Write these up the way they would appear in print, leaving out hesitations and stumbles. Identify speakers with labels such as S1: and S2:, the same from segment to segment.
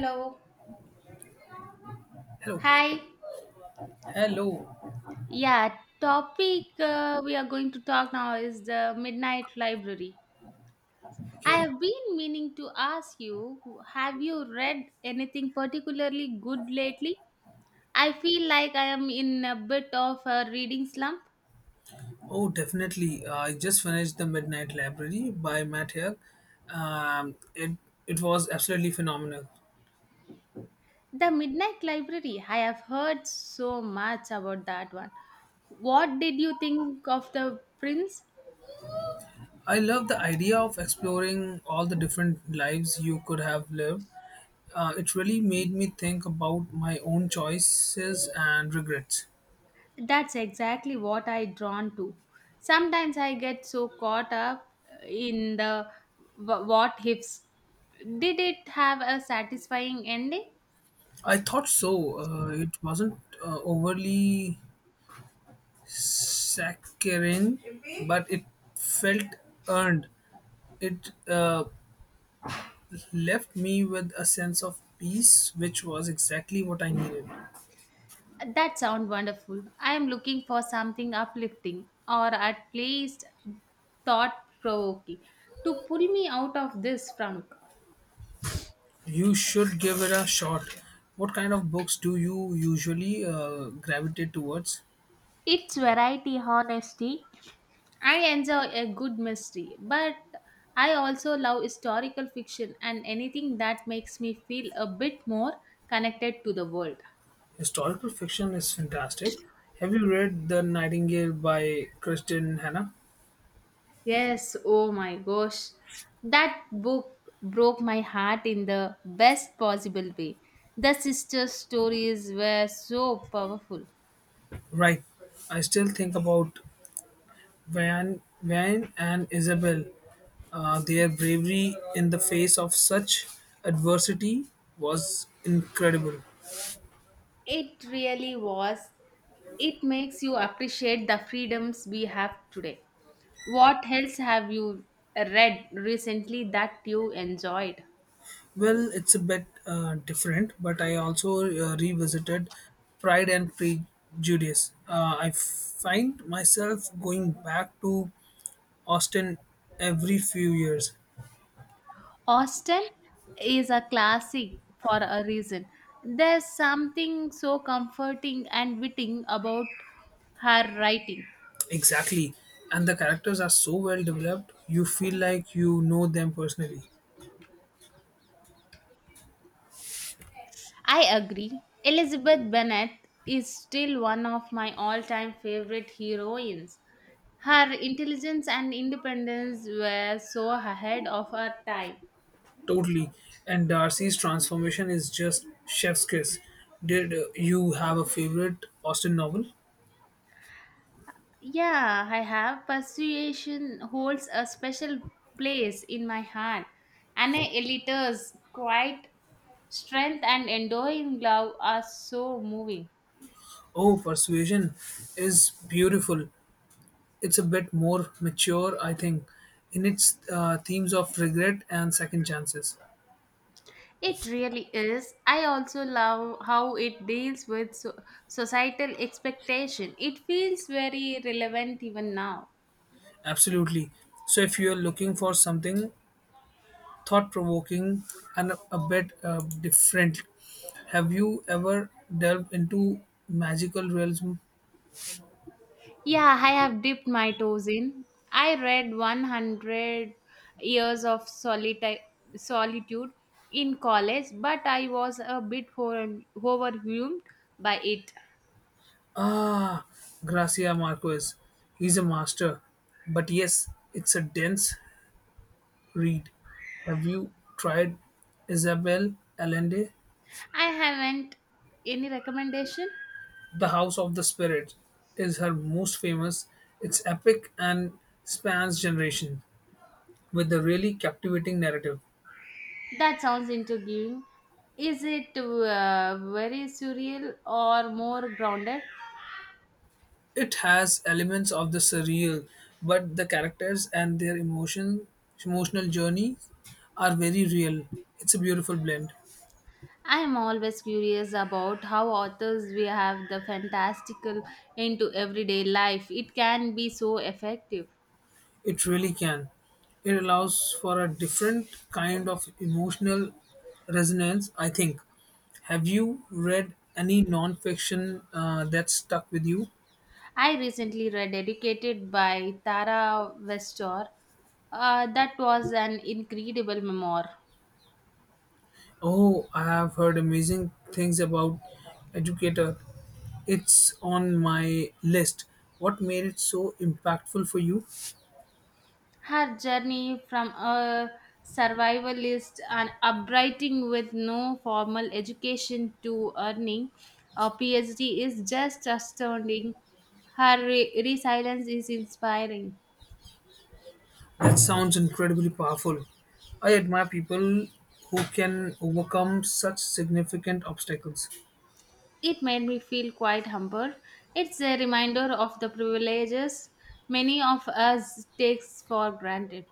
S1: Hello.
S2: Hello.
S1: Hi.
S2: Hello.
S1: Yeah, topic we are going to talk now is the Midnight Library. I
S2: Okay.
S1: have been meaning to ask you, have you read anything particularly good lately? I feel like I am in a bit of a reading slump.
S2: Oh, definitely. I just finished The Midnight Library by Matt Haig. Um, it, it was absolutely phenomenal.
S1: The Midnight Library, I have heard so much about that one. What did you think of the prince?
S2: I love the idea of exploring all the different lives you could have lived. It really made me think about my own choices and regrets.
S1: That's exactly what I drawn to. Sometimes I get so caught up in the what ifs. Did it have a satisfying ending?
S2: I thought so. It wasn't overly saccharine, but it felt earned. It left me with a sense of peace, which was exactly what I needed.
S1: That sounds wonderful. I am looking for something uplifting or at least thought provoking to pull me out of this funk.
S2: You should give it a shot. What kind of books do you usually gravitate towards?
S1: It's variety, honesty, I enjoy a good mystery, but I also love historical fiction and anything that makes me feel a bit more connected to the world.
S2: Historical fiction is fantastic. Have you read The Nightingale by Kristen Hannah?
S1: Yes, oh my gosh. That book broke my heart in the best possible way. The sisters' stories were so powerful.
S2: Right. I still think about Van and Isabel. Their bravery in the face of such adversity was incredible.
S1: It really was. It makes you appreciate the freedoms we have today. What else have you read recently that you enjoyed?
S2: Well, it's a bit different, but I also revisited Pride and Prejudice. I find myself going back to Austin every few years.
S1: Austin is a classic for a reason. There's something so comforting and witting about her writing.
S2: Exactly. And the characters are so well developed, you feel like you know them personally.
S1: I agree. Elizabeth Bennet is still one of my all-time favorite heroines. Her intelligence and independence were so ahead of her time.
S2: Totally. And Darcy's transformation is just chef's kiss. Did you have a favorite Austin novel?
S1: Yeah, I have. Persuasion holds a special place in my heart. Anna Elita's quiet strength and enduring love are so moving.
S2: Oh, Persuasion is beautiful. It's a bit more mature, I think, in its themes of regret and second chances.
S1: It really is. I also love how it deals with societal expectation. It feels very relevant even now.
S2: Absolutely. So, if you're looking for something thought provoking and a bit different, have you ever delved into magical realism?
S1: Yeah, I have dipped my toes in. I read 100 Years of Solitude in college, but I was a bit overwhelmed by it.
S2: Ah, Gracia Marquez. He's a master. But yes, it's a dense read. Have you tried Isabel Allende?
S1: I haven't any recommendation.
S2: The House of the Spirit is her most famous. It's epic and spans generation with a really captivating narrative.
S1: That sounds intriguing. Is it very surreal or more grounded?
S2: It has elements of the surreal, but the characters and their emotional journeys are very real. It's a beautiful blend.
S1: I'm always curious about how authors we have the fantastical into everyday life. It can be so effective.
S2: It really can. It allows for a different kind of emotional resonance, I think. Have you read any non-fiction that stuck with you?
S1: I recently read Educated by Tara Westor. That was an incredible memoir.
S2: Oh, I have heard amazing things about Educator. It's on my list. What made it so impactful for you?
S1: Her journey from a survivalist and uprising with no formal education to earning a PhD is just astounding. Her resilience is inspiring.
S2: That sounds incredibly powerful. I admire people who can overcome such significant obstacles.
S1: It made me feel quite humble. It's a reminder of the privileges many of us takes for granted.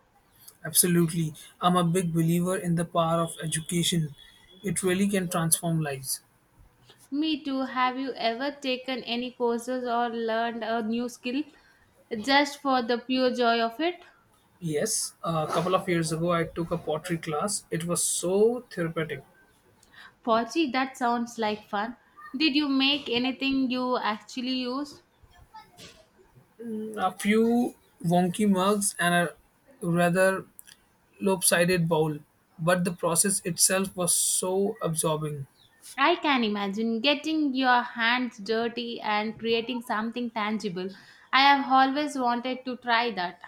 S2: Absolutely. I'm a big believer in the power of education. It really can transform lives.
S1: Me too. Have you ever taken any courses or learned a new skill just for the pure joy of it?
S2: Yes, a couple of years ago I took a pottery class. It was so therapeutic.
S1: Pochi, that sounds like fun. Did you make anything you actually use?
S2: A few wonky mugs and a rather lopsided bowl, but the process itself was so absorbing.
S1: I can imagine getting your hands dirty and creating something tangible. I have always wanted to try that.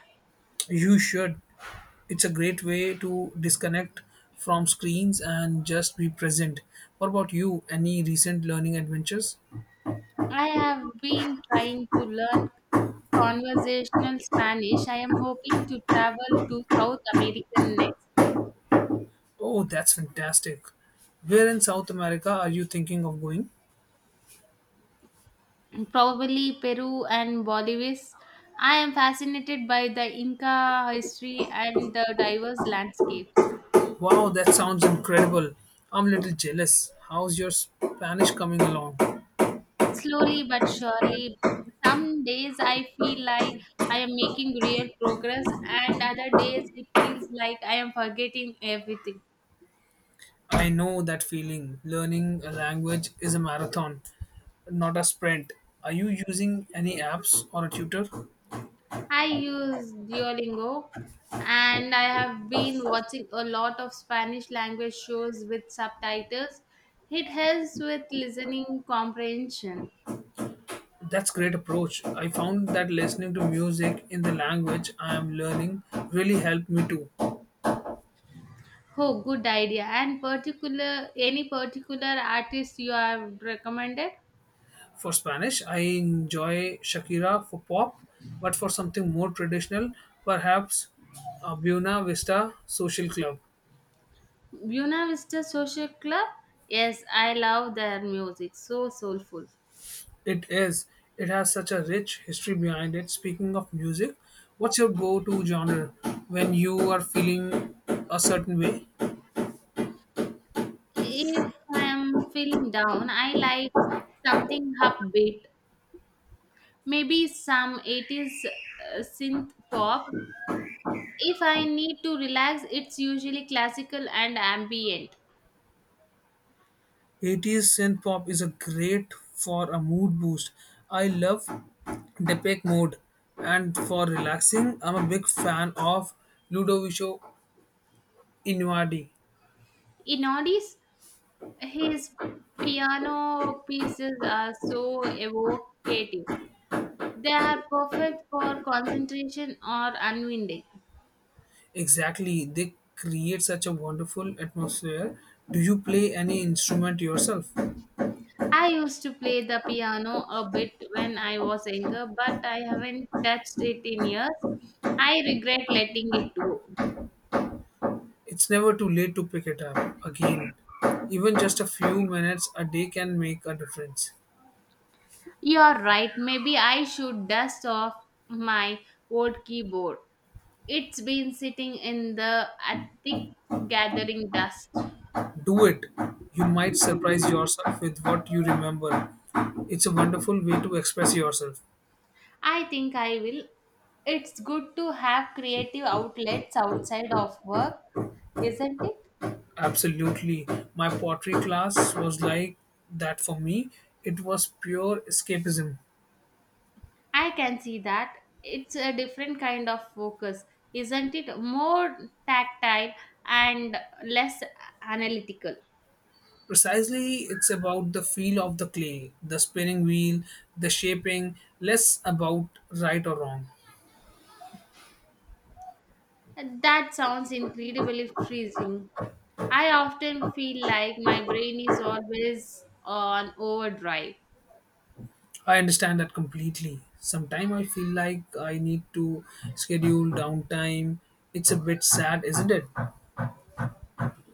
S2: You should. It's a great way to disconnect from screens and just be present. What about you? Any recent learning adventures?
S1: I have been trying to learn conversational Spanish. I am hoping to travel to South America next year.
S2: Oh, that's fantastic. Where in South America are you thinking of going?
S1: Probably Peru and Bolivis. I am fascinated by the Inca history and the diverse landscapes.
S2: Wow, that sounds incredible. I'm a little jealous. How's your Spanish coming along?
S1: Slowly but surely, some days I feel like I am making real progress, and other days it feels like I am forgetting everything.
S2: I know that feeling. Learning a language is a marathon, not a sprint. Are you using any apps or a tutor?
S1: I use Duolingo and I have been watching a lot of Spanish language shows with subtitles. It helps with listening comprehension.
S2: That's great approach. I found that listening to music in the language I am learning really helped me too.
S1: Oh, good idea. And particular, any particular artist you have recommended?
S2: For Spanish, I enjoy Shakira for pop, but for something more traditional, perhaps a Buena Vista Social Club.
S1: Buena Vista Social Club. Yes, I love their music. So soulful.
S2: It is. It has such a rich history behind it. Speaking of music, what's your go-to genre when you are feeling a certain way?
S1: If I am feeling down, I like something upbeat. Maybe some 80s synth pop. If I need to relax, it's usually classical and ambient.
S2: 80s synth pop is a great for a mood boost. I love Depeche Mode, and for relaxing, I'm a big fan of Ludovico Innuardi.
S1: In oldies, his piano pieces are so evocative. They are perfect for concentration or unwinding.
S2: Exactly, they create such a wonderful atmosphere. Do you play any instrument yourself?
S1: I used to play the piano a bit when I was younger, but I haven't touched it in years. I regret letting it go.
S2: It's never too late to pick it up again. Even just a few minutes a day can make a difference.
S1: You're right, maybe I should dust off my old keyboard. It's been sitting in the attic gathering dust.
S2: Do it. You might surprise yourself with what you remember. It's a wonderful way to express yourself.
S1: I think I will. It's good to have creative outlets outside of work, isn't it?
S2: Absolutely. My pottery class was like that for me. It was pure escapism.
S1: I can see that. It's a different kind of focus, isn't it? More tactile and less analytical.
S2: Precisely, it's about the feel of the clay, the spinning wheel, the shaping, less about right or wrong.
S1: That sounds incredibly freezing. I often feel like my brain is always on overdrive.
S2: I understand that completely. Sometimes I feel like I need to schedule downtime. It's a bit sad, isn't it?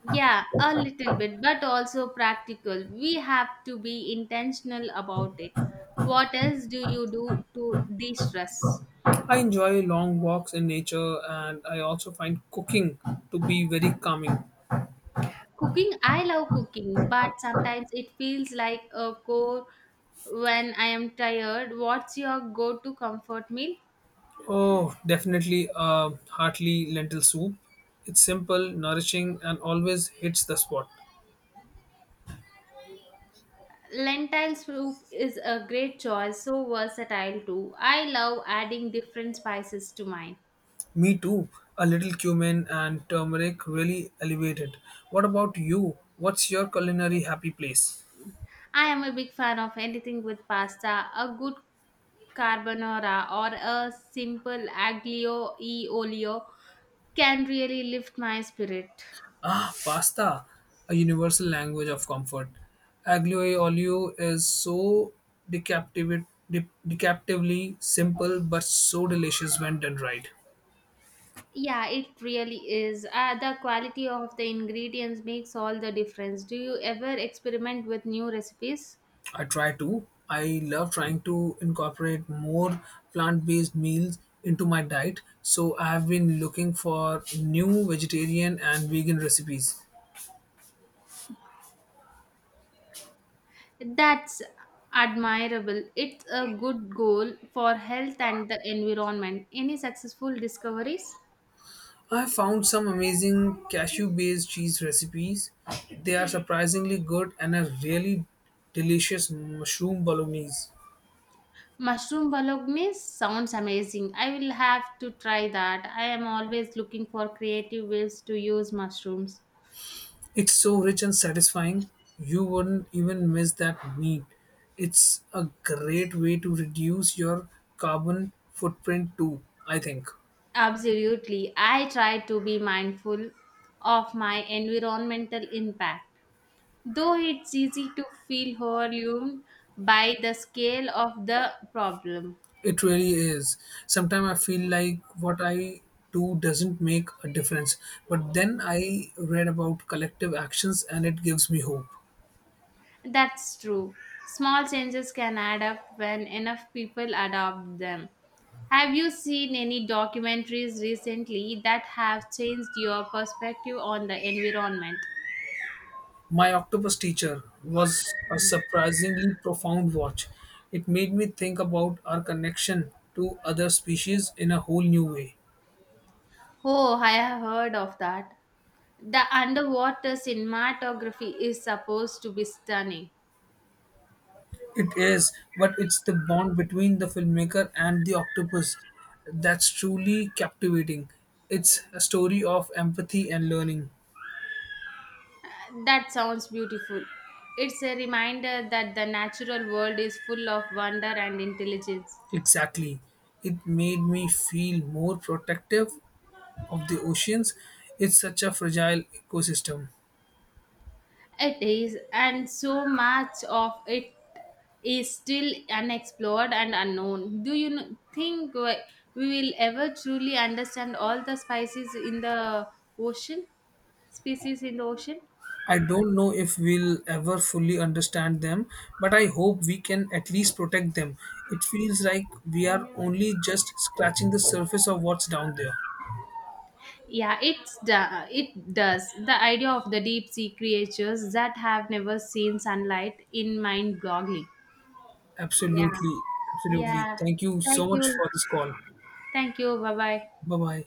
S1: Yeah, a little bit, but also practical. We have to be intentional about it. What else do you do to de stress?
S2: I enjoy long walks in nature and I also find cooking to be very calming.
S1: Cooking, I love cooking, but sometimes it feels like a chore when I am tired. What's your go to comfort meal?
S2: Oh, definitely a hearty lentil soup. It's simple, nourishing, and always hits the spot.
S1: Lentil soup is a great choice, so versatile too. I love adding different spices to mine.
S2: Me too. A little cumin and turmeric really elevate it. What about you? What's your culinary happy place?
S1: I am a big fan of anything with pasta, a good carbonara or a simple aglio e olio can really lift my spirit.
S2: Ah, pasta, a universal language of comfort. Aglio e olio is so deceptively simple but so delicious when done right.
S1: Yeah, it really is. The quality of the ingredients makes all the difference. Do you ever experiment with new recipes?
S2: I try to. I love trying to incorporate more plant based meals into my diet, so I have been looking for new vegetarian and vegan recipes.
S1: That's admirable. It's a good goal for health and the environment. Any successful discoveries?
S2: I found some amazing cashew based cheese recipes. They are surprisingly good and a really delicious mushroom bolognese.
S1: Mushroom bolognese sounds amazing. I will have to try that. I am always looking for creative ways to use mushrooms.
S2: It's so rich and satisfying, you wouldn't even miss that meat. It's a great way to reduce your carbon footprint too, I think.
S1: Absolutely. I try to be mindful of my environmental impact, though it's easy to feel overwhelmed by the scale of the problem.
S2: It really is. Sometimes I feel like what I do doesn't make a difference, but then I read about collective actions and it gives me hope.
S1: That's true. Small changes can add up when enough people adopt them. Have you seen any documentaries recently that have changed your perspective on the environment?
S2: My octopus teacher was a surprisingly profound watch. It made me think about our connection to other species in a whole new way.
S1: Oh, I have heard of that. The underwater cinematography is supposed to be stunning.
S2: It is, but it's the bond between the filmmaker and the octopus that's truly captivating. It's a story of empathy and learning.
S1: That sounds beautiful. It's a reminder that the natural world is full of wonder and intelligence.
S2: Exactly. It made me feel more protective of the oceans. It's such a fragile ecosystem.
S1: It is, and so much of it is still unexplored and unknown. Do think we will ever truly understand all the species in the ocean? Species in the ocean?
S2: I don't know if we'll ever fully understand them, but I hope we can at least protect them. It feels like we are only just scratching the surface of what's down there.
S1: Yeah, it does. The idea of the deep sea creatures that have never seen sunlight in mind boggling. Yeah,
S2: Absolutely, absolutely.
S1: yeah.
S2: Thank you
S1: Thank
S2: so
S1: you,
S2: much for this call.
S1: thank you. Bye bye.
S2: Bye bye.